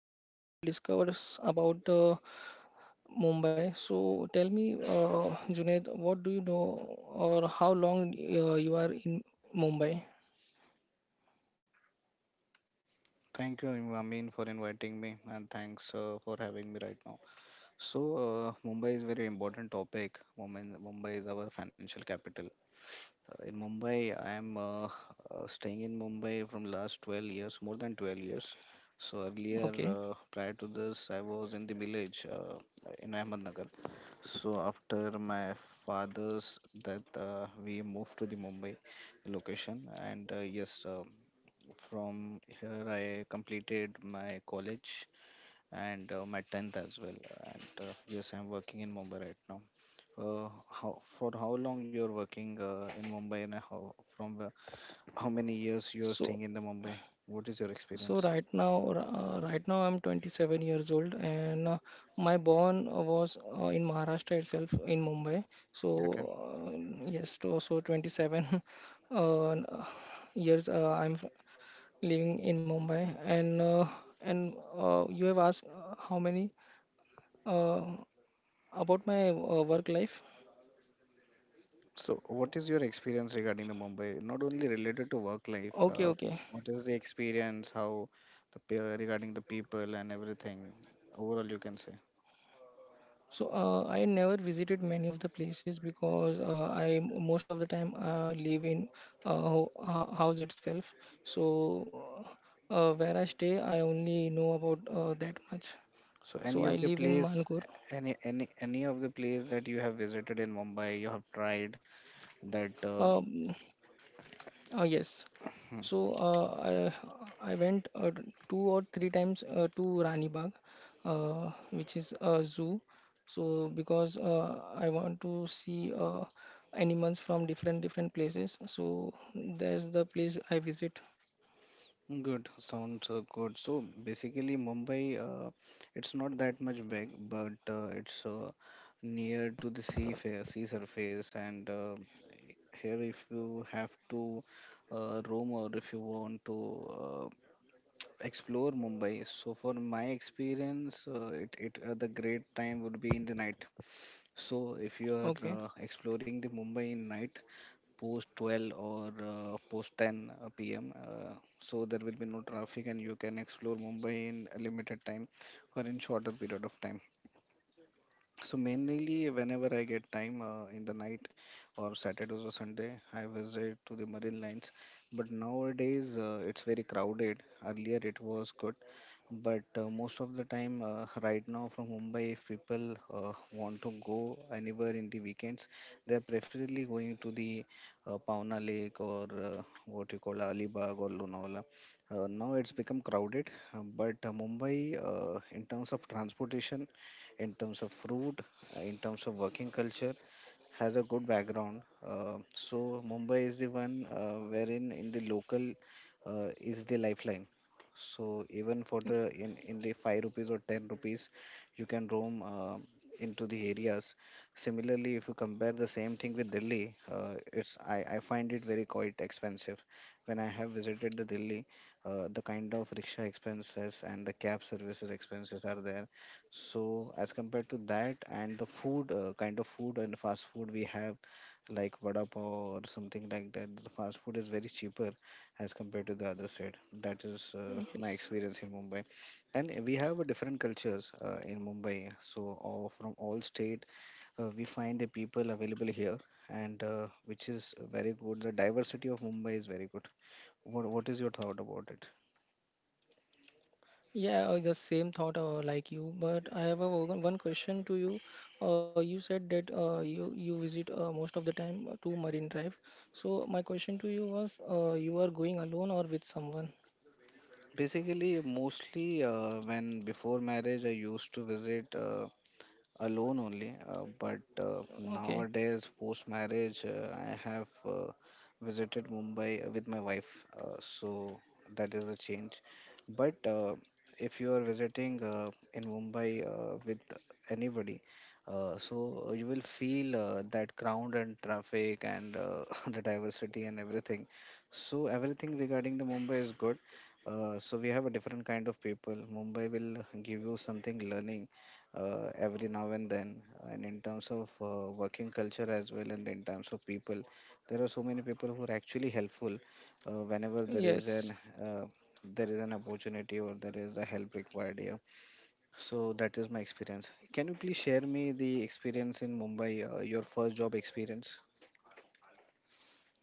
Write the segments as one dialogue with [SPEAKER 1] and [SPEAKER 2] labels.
[SPEAKER 1] podcast, we will discuss about Mumbai. So tell me, Junaid, what do you know, or how long you are in Mumbai?
[SPEAKER 2] Thank you, Ramin, for inviting me, and thanks for having me right now. So, Mumbai is very important topic. Mumbai is our financial capital. In Mumbai, I am staying in Mumbai from last 12 years, more than 12 years. So earlier,
[SPEAKER 1] Okay.
[SPEAKER 2] prior to this, I was in the village in Ahmednagar. So after my father's death, we moved to the Mumbai location, and yes. From here, I completed my college and my 10th as well. And yes, I'm working in Mumbai right now. How for how long you're working in Mumbai, and how from how many years you're
[SPEAKER 1] So
[SPEAKER 2] staying in the Mumbai? What is your
[SPEAKER 1] So
[SPEAKER 2] experience?
[SPEAKER 1] right now, uh, right now, I'm 27 years old, and my born was in Maharashtra itself, in Mumbai. So
[SPEAKER 2] Okay.
[SPEAKER 1] uh, yes, so 27 uh, years living in Mumbai, and you have asked how many uh, about my work life.
[SPEAKER 2] So, what is your experience regarding the Mumbai? Not only related to work life,
[SPEAKER 1] Okay, okay.
[SPEAKER 2] what is the experience? How regarding the people and everything? Overall, you can say.
[SPEAKER 1] So I never visited many of the places because I most of the time live in house itself. So where I stay, I only know about that much.
[SPEAKER 2] So any
[SPEAKER 1] So I
[SPEAKER 2] of the
[SPEAKER 1] live in
[SPEAKER 2] place,
[SPEAKER 1] Mankur.
[SPEAKER 2] any of the place that you have visited in Mumbai, you have tried that.
[SPEAKER 1] Um, yes. So I went two or three times to Rani Bagh, which is a zoo. So because I want to see animals from different different places, so there's the place I visit.
[SPEAKER 2] Hmm, good, sounds good. So basically, Mumbai, it's not that much big, but it's near to the sea surface, and here if you have to roam, or if you want to uh, explore Mumbai, so for my experience, it it the great time would be in the night. So if you are
[SPEAKER 1] Okay.
[SPEAKER 2] exploring the Mumbai in night post 12 or post 10 p.m., so there will be no traffic and you can explore Mumbai in a limited time or in shorter period of time. So mainly whenever I get time in the night or Saturdays or Sunday, I visit to the marine lines. But nowadays it's very crowded. Earlier it was good, but most of the time right now from Mumbai, if people want to go anywhere in the weekends, they are preferably going to the pauna lake or what you call Alibag or Lonavala. Now it's become crowded, but Mumbai, in terms of transportation, in terms of food, in terms of working culture, has a good background. So Mumbai is the one wherein in the local is the lifeline. So even for the in the 5 rupees or 10 rupees, you can roam into the areas. Similarly, if you compare the same thing with Delhi, it's I find it very quite expensive. When I have visited the Delhi, the kind of rickshaw expenses and the cab services expenses are there. So as compared to that, and the food, kind of food and fast food we have, like vada pav or something like that, the fast food is very cheaper as compared to the other side. That is my
[SPEAKER 1] Yes.
[SPEAKER 2] experience in Mumbai. And we have a different cultures in Mumbai. So all, from all state, we find the people available here, and which is very good. The diversity of Mumbai is very good. What is your thought about it?
[SPEAKER 1] Yeah, the same thought like you, but I have a one question to you. You said that you visit most of the time to Marine Drive. So my question to you was, you are going alone or with someone?
[SPEAKER 2] Basically, mostly when before marriage, I used to visit. Alone only. But
[SPEAKER 1] Okay.
[SPEAKER 2] nowadays, post marriage, I have visited Mumbai with my wife. So that is a change. But if you are visiting in Mumbai with anybody, so you will feel that crowd and traffic, and the diversity and everything. So everything regarding the Mumbai is good. So we have a different kind of people. Mumbai will give you something learning every now and then, and in terms of working culture as well, and in terms of people, there are so many people who are actually helpful whenever
[SPEAKER 1] Yes.
[SPEAKER 2] uh, there is an opportunity or there is a help required here. So that is my experience. Can you please share me the experience in Mumbai, your first job experience?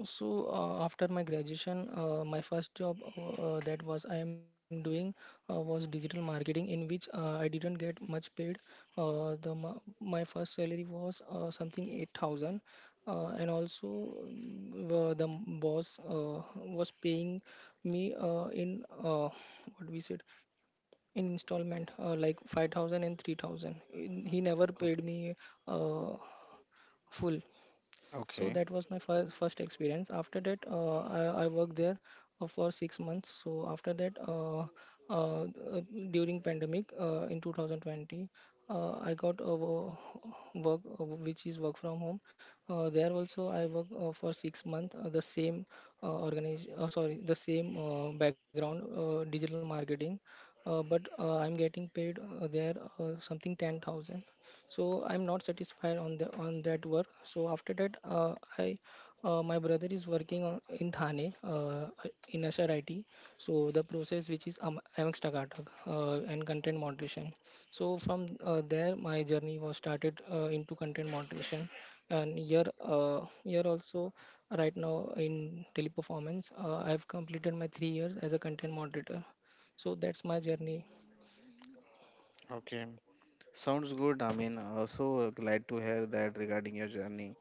[SPEAKER 1] So after my graduation, my first job that was I am doing was digital marketing, in which I didn't get much paid. My first salary was something 8,000, and also the boss was paying me in what we said in installment, like five thousand and three thousand. He never
[SPEAKER 2] O-
[SPEAKER 1] paid me uh, full. So
[SPEAKER 2] Okay,
[SPEAKER 1] that was my first experience. After that, I worked there for 6 months. So after that, uh, uh, during pandemic in 2020, I got a work which is work from home. There also, I work for 6 months. The same organization, sorry, the same background, digital marketing. But I'm getting paid there something 10,000, so I'm not satisfied on the on that work. So after that, I my brother is working in Thane, in Ashar IT. So the process which is Amix Tagatak and content moderation. So from there my journey was started into content moderation, and here also, right now in Teleperformance I've completed my 3 years as a content moderator. So that's my journey.
[SPEAKER 2] okay. Sounds good. I mean, also glad to hear that regarding your journey.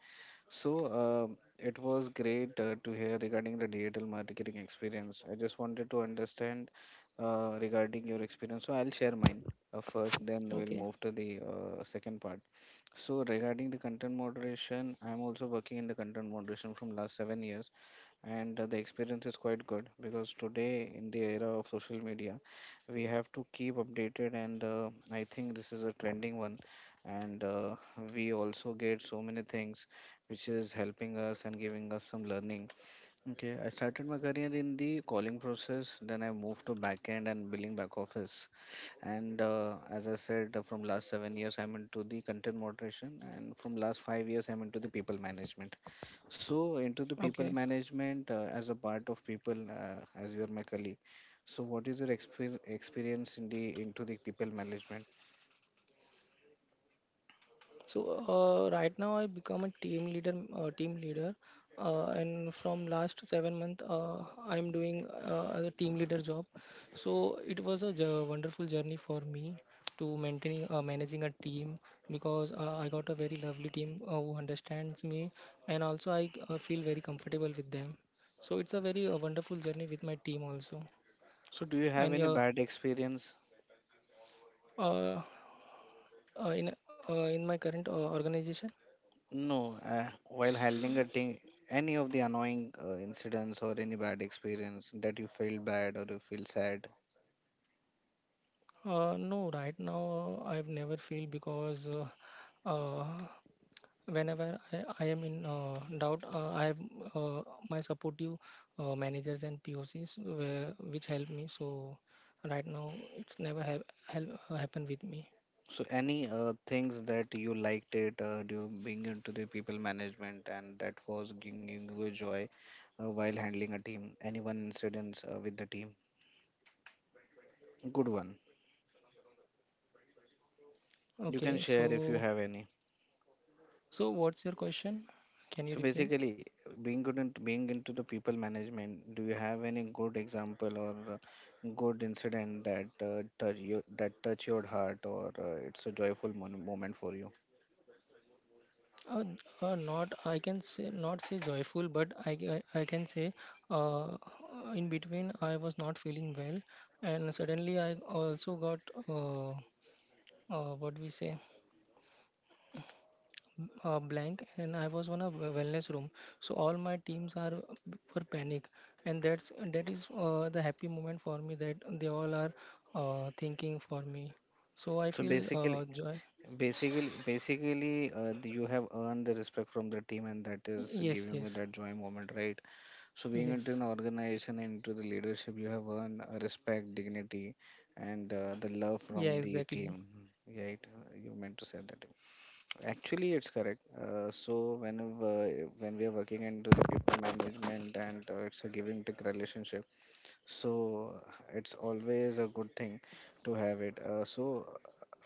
[SPEAKER 2] So, it was great to hear regarding the digital marketing experience. I just wanted to understand regarding your experience. So, I'll share mine first, then we'll
[SPEAKER 1] Okay.
[SPEAKER 2] move to the second part. So regarding the content moderation, I'm also working in the content moderation from last 7 years, and the experience is quite good, because today in the era of social media, we have to keep updated, and I think this is a trending one, and we also get so many things which is helping us and giving us some learning. Okay, I started my career in the calling process, then I moved to backend and billing back office. And as I said, from last 7 years, I'm into the content moderation, and from last 5 years, I'm into the people management. So into the people
[SPEAKER 1] Okay.
[SPEAKER 2] management as a part of people, as you are my colleague. So what is your experience in the into the people management?
[SPEAKER 1] So right now I become a team leader, and from last 7 month I'm doing as a team leader job. So it was a wonderful journey for me to maintaining managing a team, because I got a very lovely team who understands me, and also I feel very comfortable with them. So it's a very wonderful journey with my team also,
[SPEAKER 2] So do you have
[SPEAKER 1] and
[SPEAKER 2] any bad experience?
[SPEAKER 1] uh, uh, in in my current organization.
[SPEAKER 2] No, while handling a thing, any of the annoying incidents or any bad experience that you feel bad or you feel sad.
[SPEAKER 1] No, right now I've never feel, because uh, whenever I am in doubt, I have uh, my supportive managers and POCs which help me. So right now it's never have help happen with me.
[SPEAKER 2] So any things that you liked it, do being into the people management, and that was giving you joy while handling a team. Any one incidents with the team, good one. You can
[SPEAKER 1] Okay,
[SPEAKER 2] share if you
[SPEAKER 1] so
[SPEAKER 2] have any.
[SPEAKER 1] what's your question? Can you
[SPEAKER 2] So
[SPEAKER 1] repeat?
[SPEAKER 2] basically, being good into being into the people management, do you have any good example or good incident that touch your heart, or it's a joyful moment for you?
[SPEAKER 1] Uh, Not I can say, not say joyful, but I can say uh, in between I was not feeling well, and suddenly I also got uh, what we say blank, and I was on a wellness room. So all my teams are for panic, and that is the happy moment for me that they all are thinking for me. So I
[SPEAKER 2] So
[SPEAKER 1] feel
[SPEAKER 2] basically,
[SPEAKER 1] joy.
[SPEAKER 2] basically, basically, you have earned the respect from the team, and that is
[SPEAKER 1] Yes,
[SPEAKER 2] giving you
[SPEAKER 1] yes,
[SPEAKER 2] that joy moment, right? So being into an
[SPEAKER 1] yes.
[SPEAKER 2] organization, into the leadership, you have earned respect, dignity, and the love
[SPEAKER 1] Yeah,
[SPEAKER 2] from the
[SPEAKER 1] exactly.
[SPEAKER 2] team, right? You meant to say that. Actually, it's correct. So when we are working into the people management, and it's a giving take relationship, so it's always a good thing to have it. Uh, so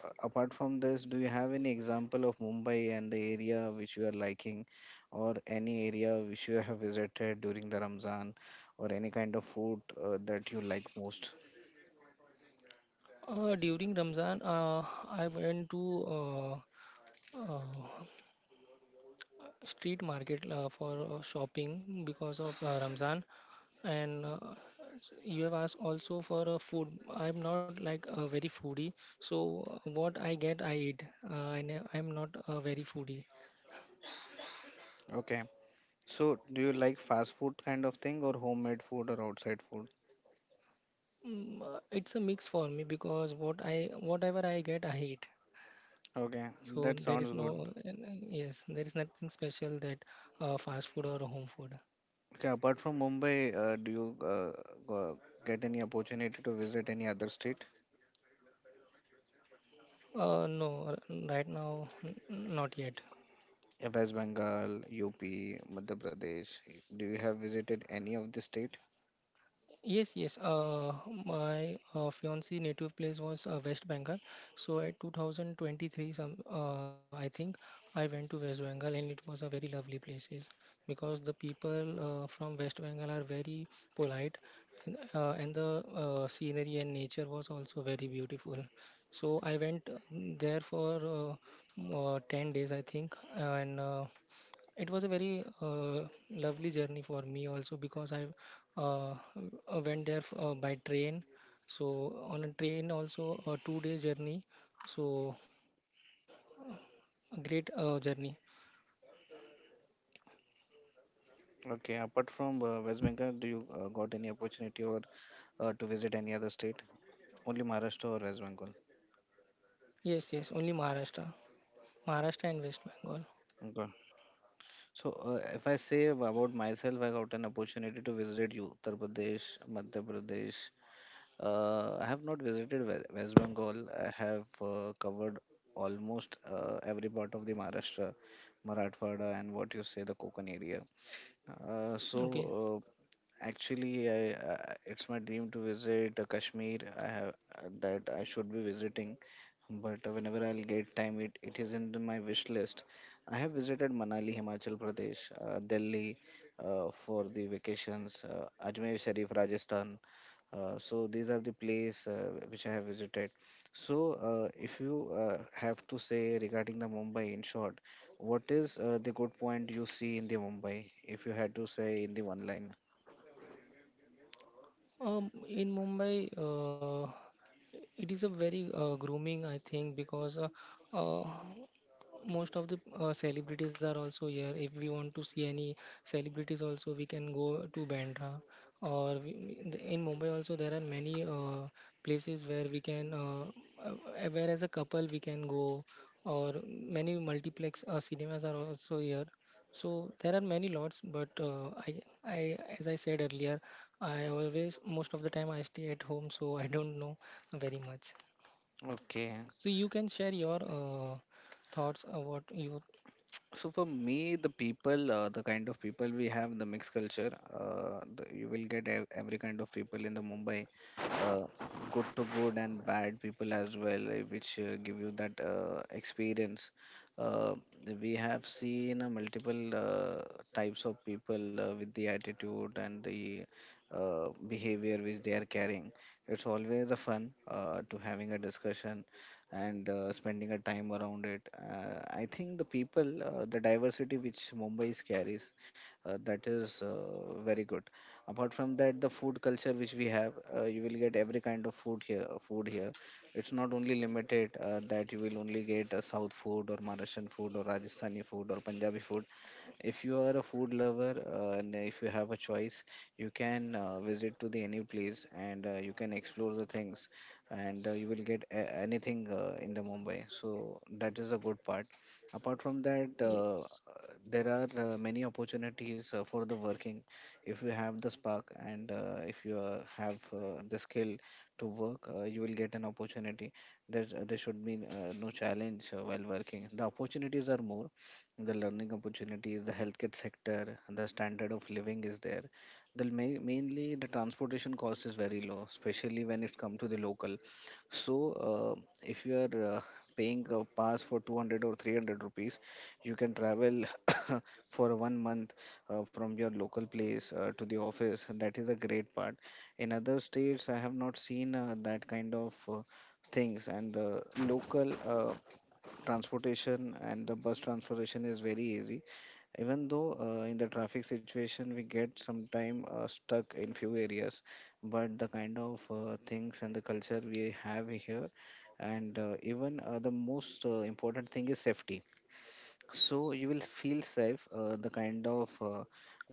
[SPEAKER 2] uh, apart from this, do you have any example of Mumbai and the area which you are liking, or any area which you have visited during the Ramzan, or any kind of food that you like most?
[SPEAKER 1] During Ramzan, I went to uh, street market for shopping because of Ramzan. And you have asked also for food. I'm not like a very foodie, so what I get, I eat. I'm not a very foodie.
[SPEAKER 2] Okay. So do you like fast food kind of thing, or homemade food, or outside food?
[SPEAKER 1] It's a mix for me because whatever I get, I eat.
[SPEAKER 2] Okay,
[SPEAKER 1] So
[SPEAKER 2] that
[SPEAKER 1] there is
[SPEAKER 2] sounds good.
[SPEAKER 1] no, yes, there is nothing special, that fast food or home food.
[SPEAKER 2] Okay, apart from Mumbai, do you go- get any opportunity to visit any other state?
[SPEAKER 1] No, right now, not yet.
[SPEAKER 2] West Bengal, UP, Madhya Pradesh. Do you have visited any of the state?
[SPEAKER 1] Yes, yes. My fiancee native place was West Bengal. So at 2023, some I think I went to West Bengal, and it was a very lovely places, because the people from West Bengal are very polite, and the scenery and nature was also very beautiful. So I went there for 10 days, I think, and. It was a very lovely journey for me also, because I uh, went there by train. So on a train also a 2 day journey. So a great journey.
[SPEAKER 2] Okay, apart from West Bengal, do you got any opportunity or to visit any other state? Only Maharashtra or West Bengal.
[SPEAKER 1] Yes, yes, only Maharashtra and West Bengal.
[SPEAKER 2] Okay. So, if I say about myself, I got an opportunity to visit Uttar Pradesh, Madhya Pradesh. I have not visited West Bengal. I have covered almost every part of the Maharashtra, Marathwada, and what you say the Konkan area. Uh, so
[SPEAKER 1] Okay.
[SPEAKER 2] uh, Actually, I, it's my dream to visit Kashmir. I have that I should be visiting, but whenever I'll get time, it is in my wish list. I have visited Manali, Himachal Pradesh, Delhi for the vacations, Ajmer Sharif, Rajasthan. So these are the place which I have visited. So if you have to say regarding the Mumbai in short, what is the good point you see in the Mumbai? If you had to say in the one line.
[SPEAKER 1] In Mumbai, it is a very grooming, I think, because uh, most of the celebrities are also here. If we want to see any celebrities, also we can go to Bandra, or in Mumbai also there are many places uh, where as a couple we can go, or many multiplex cinemas are also here. So there are many lots, but I as I said earlier, I always most of the time I stay at home, so I don't know very much.
[SPEAKER 2] Okay.
[SPEAKER 1] So you can share your thoughts about you.
[SPEAKER 2] So for me, the people, the kind of people we have, the mixed culture, the, you will get every kind of people in the Mumbai, uh, good to good and bad people as well, eh, which give you that experience. Uh, we have seen multiple types of people with the attitude and the behavior which they are carrying. It's always a fun to having a discussion and spending a time around it. I think the people, the diversity which Mumbai carries, that is very good. Apart from that, the food culture which we have, you will get every kind of food here. Food here, it's not only limited that you will only get South food or Maharashtrian food or Rajasthani food or Punjabi food. If you are a food lover, and if you have a choice, you can visit to the any place, and you can explore the things, and you will get anything in the Mumbai. So that is a good part. Apart from that,
[SPEAKER 1] Yes.
[SPEAKER 2] there are many opportunities for the working. If you have the spark, and if you have the skill to work, you will get an opportunity. There should be no challenge while working. The opportunities are more, the learning opportunities, the healthcare sector, and the standard of living is there. The mainly, the transportation cost is very low, especially when it comes to the local. So, if you are paying a pass for 200 or 300 rupees, you can travel for one month from your local place to the office. And That is a great part. In other states, I have not seen that kind of things, and the local transportation and the bus transportation is very easy, even though in the traffic situation we get sometime stuck in few areas, but the kind of things and the culture we have here, and even the most important thing is safety, so you will feel safe. The kind of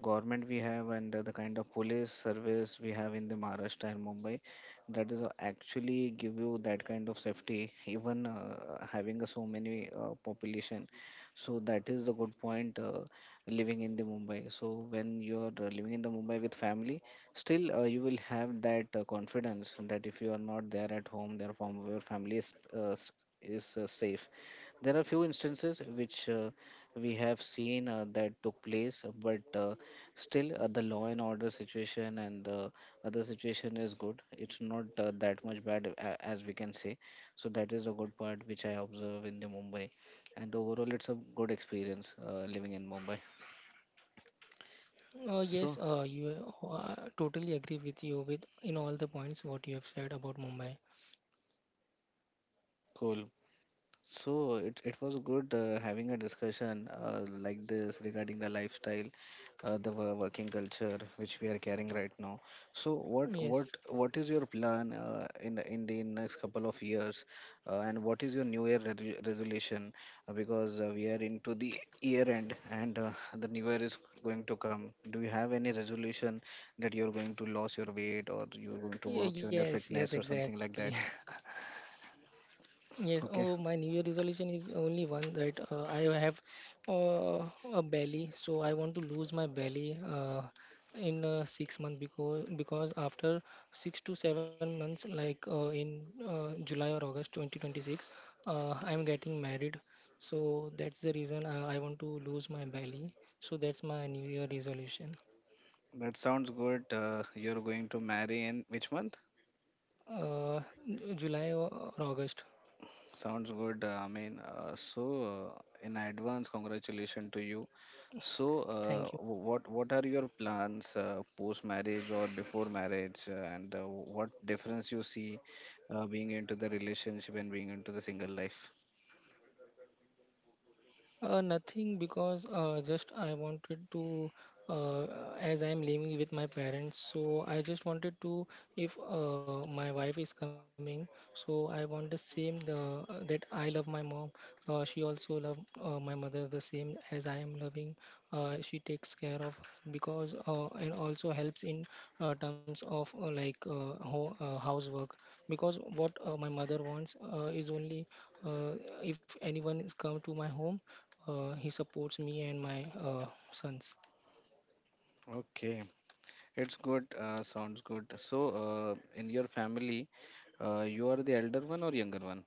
[SPEAKER 2] government we have, and the kind of police service we have in the Maharashtra and Mumbai, that is actually give you that kind of safety. Even having a so many population, so that is the good point. Living in the Mumbai. So when you are living in the Mumbai with family, still you will have that confidence that if you are not there at home, therefore your family is safe. There are few instances which we have seen that took place, but still the law and order situation and the other situation is good. It's not that much bad, as we can say. So that is a good part which I observe in the Mumbai, and overall it's a good experience living in Mumbai. So
[SPEAKER 1] Yes, you totally agree with you with in all the points what you have said about Mumbai.
[SPEAKER 2] cool. So it was good having a discussion like this regarding the lifestyle, the working culture which we are carrying right now. So what what
[SPEAKER 1] Yes.
[SPEAKER 2] what is your plan in the next couple of years, and what is your New Year re resolution? Because we are into the year end, and the New Year is going to come. Do you have any resolution that you're going to lose your weight or you're going to
[SPEAKER 1] Yeah,
[SPEAKER 2] work on your
[SPEAKER 1] yes, yes,
[SPEAKER 2] fitness or something
[SPEAKER 1] exactly.
[SPEAKER 2] like that?
[SPEAKER 1] Yes, oh,
[SPEAKER 2] Okay.
[SPEAKER 1] my New Year resolution is only one, that I have uh, a belly, so I want to lose my belly in 6 months, because after 6 to 7 months, like in July or August 2026, I'm getting married, so that's the reason I want to lose my belly. So that's my New Year resolution.
[SPEAKER 2] That sounds good. You're going to marry in which month?
[SPEAKER 1] Uh, July or August.
[SPEAKER 2] Sounds good. I mean, so, in advance, congratulations to you. So,
[SPEAKER 1] Thank you.
[SPEAKER 2] what are your plans post marriage or before marriage, and what difference you see being into the relationship and being into the single life?
[SPEAKER 1] Nothing, because just I wanted to, uh, as I'm living with my parents, so I just wanted to, if my wife is coming, so I want the same, that I love my mom. She also love my mother the same as I am loving. She takes care of, because and also helps in terms of like housework, because what my mother wants is only uh, if anyone come to my home, he supports me and my sons.
[SPEAKER 2] Okay, it's good. Sounds good. So, in your family, you are the elder one or younger one?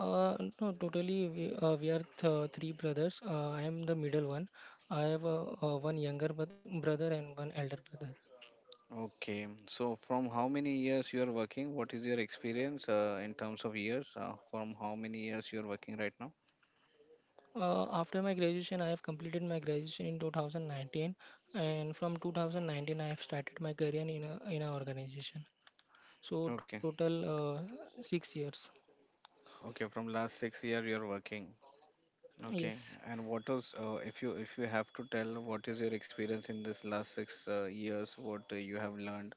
[SPEAKER 1] No, totally. We are three brothers. I am the middle one. I have one younger brother and one elder brother.
[SPEAKER 2] Okay. So from how many years you are working? What is your experience in terms of years? From how many years you are working right now?
[SPEAKER 1] After my graduation, I have completed my graduation in 2019, and from 2019, I have started my career in a in an organization. So
[SPEAKER 2] Okay.
[SPEAKER 1] total 6 years.
[SPEAKER 2] Okay. From last 6 year you are working. Okay.
[SPEAKER 1] Yes.
[SPEAKER 2] And what was, if you have to tell, what is your experience in this last six years? What you have learned,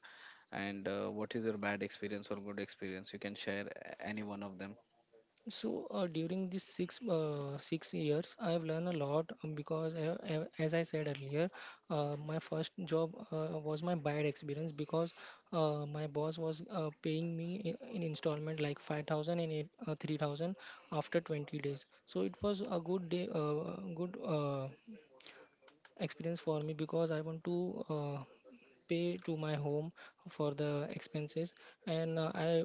[SPEAKER 2] and what is your bad experience or good experience? You can share any one of them.
[SPEAKER 1] So during these 6 years, I have learned a lot, because as I said earlier, my first job was my bad experience, because my boss was paying me in installment, like 5,000, 3,000, after 20 days. So it was a good day, good experience for me, because I want to pay to my home for the expenses, and I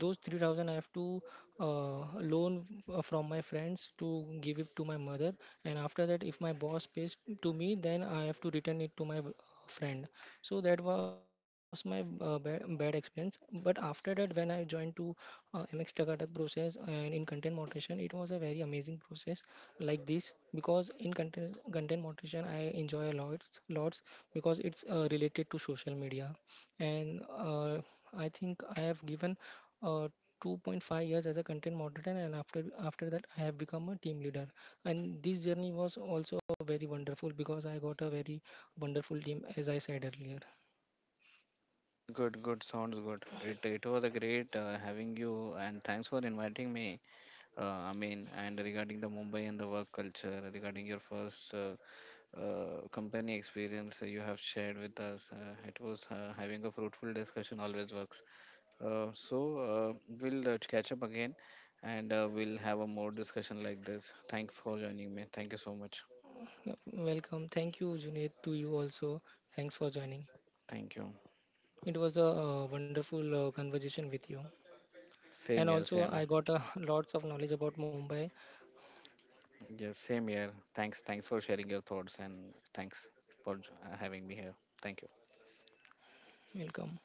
[SPEAKER 1] those 3,000 I have to uh, loan from my friends to give it to my mother, and after that if my boss pays to me, then I have to return it to my friend. So that was my bad, bad experience. But after that, when I joined to MX Takatak process and in content moderation, it was a very amazing process like this, because in content moderation I enjoy a lot lots, because it's related to social media, and I think I have given uh, 2.5 years as a content moderator, and after that I have become a team leader, and this journey was also very wonderful, because I got a very wonderful team, as I said earlier.
[SPEAKER 2] Good, good. Sounds good. It was a great having you, and thanks for inviting me. I mean, and regarding the Mumbai and the work culture, regarding your first company experience you have shared with us, it was having a fruitful discussion always works. So, we'll catch up again, and we'll have a more discussion like this. Thanks for joining me. Thank you so much.
[SPEAKER 1] Yeah, welcome. Thank you, Junaid, to you also. Thanks for joining.
[SPEAKER 2] Thank you.
[SPEAKER 1] It was a wonderful conversation with you.
[SPEAKER 2] Same
[SPEAKER 1] And
[SPEAKER 2] here,
[SPEAKER 1] also,
[SPEAKER 2] same
[SPEAKER 1] I
[SPEAKER 2] here.
[SPEAKER 1] got lots of knowledge about Mumbai.
[SPEAKER 2] Yes, same here. Thanks for sharing your thoughts, and thanks for having me here. Thank you.
[SPEAKER 1] Welcome.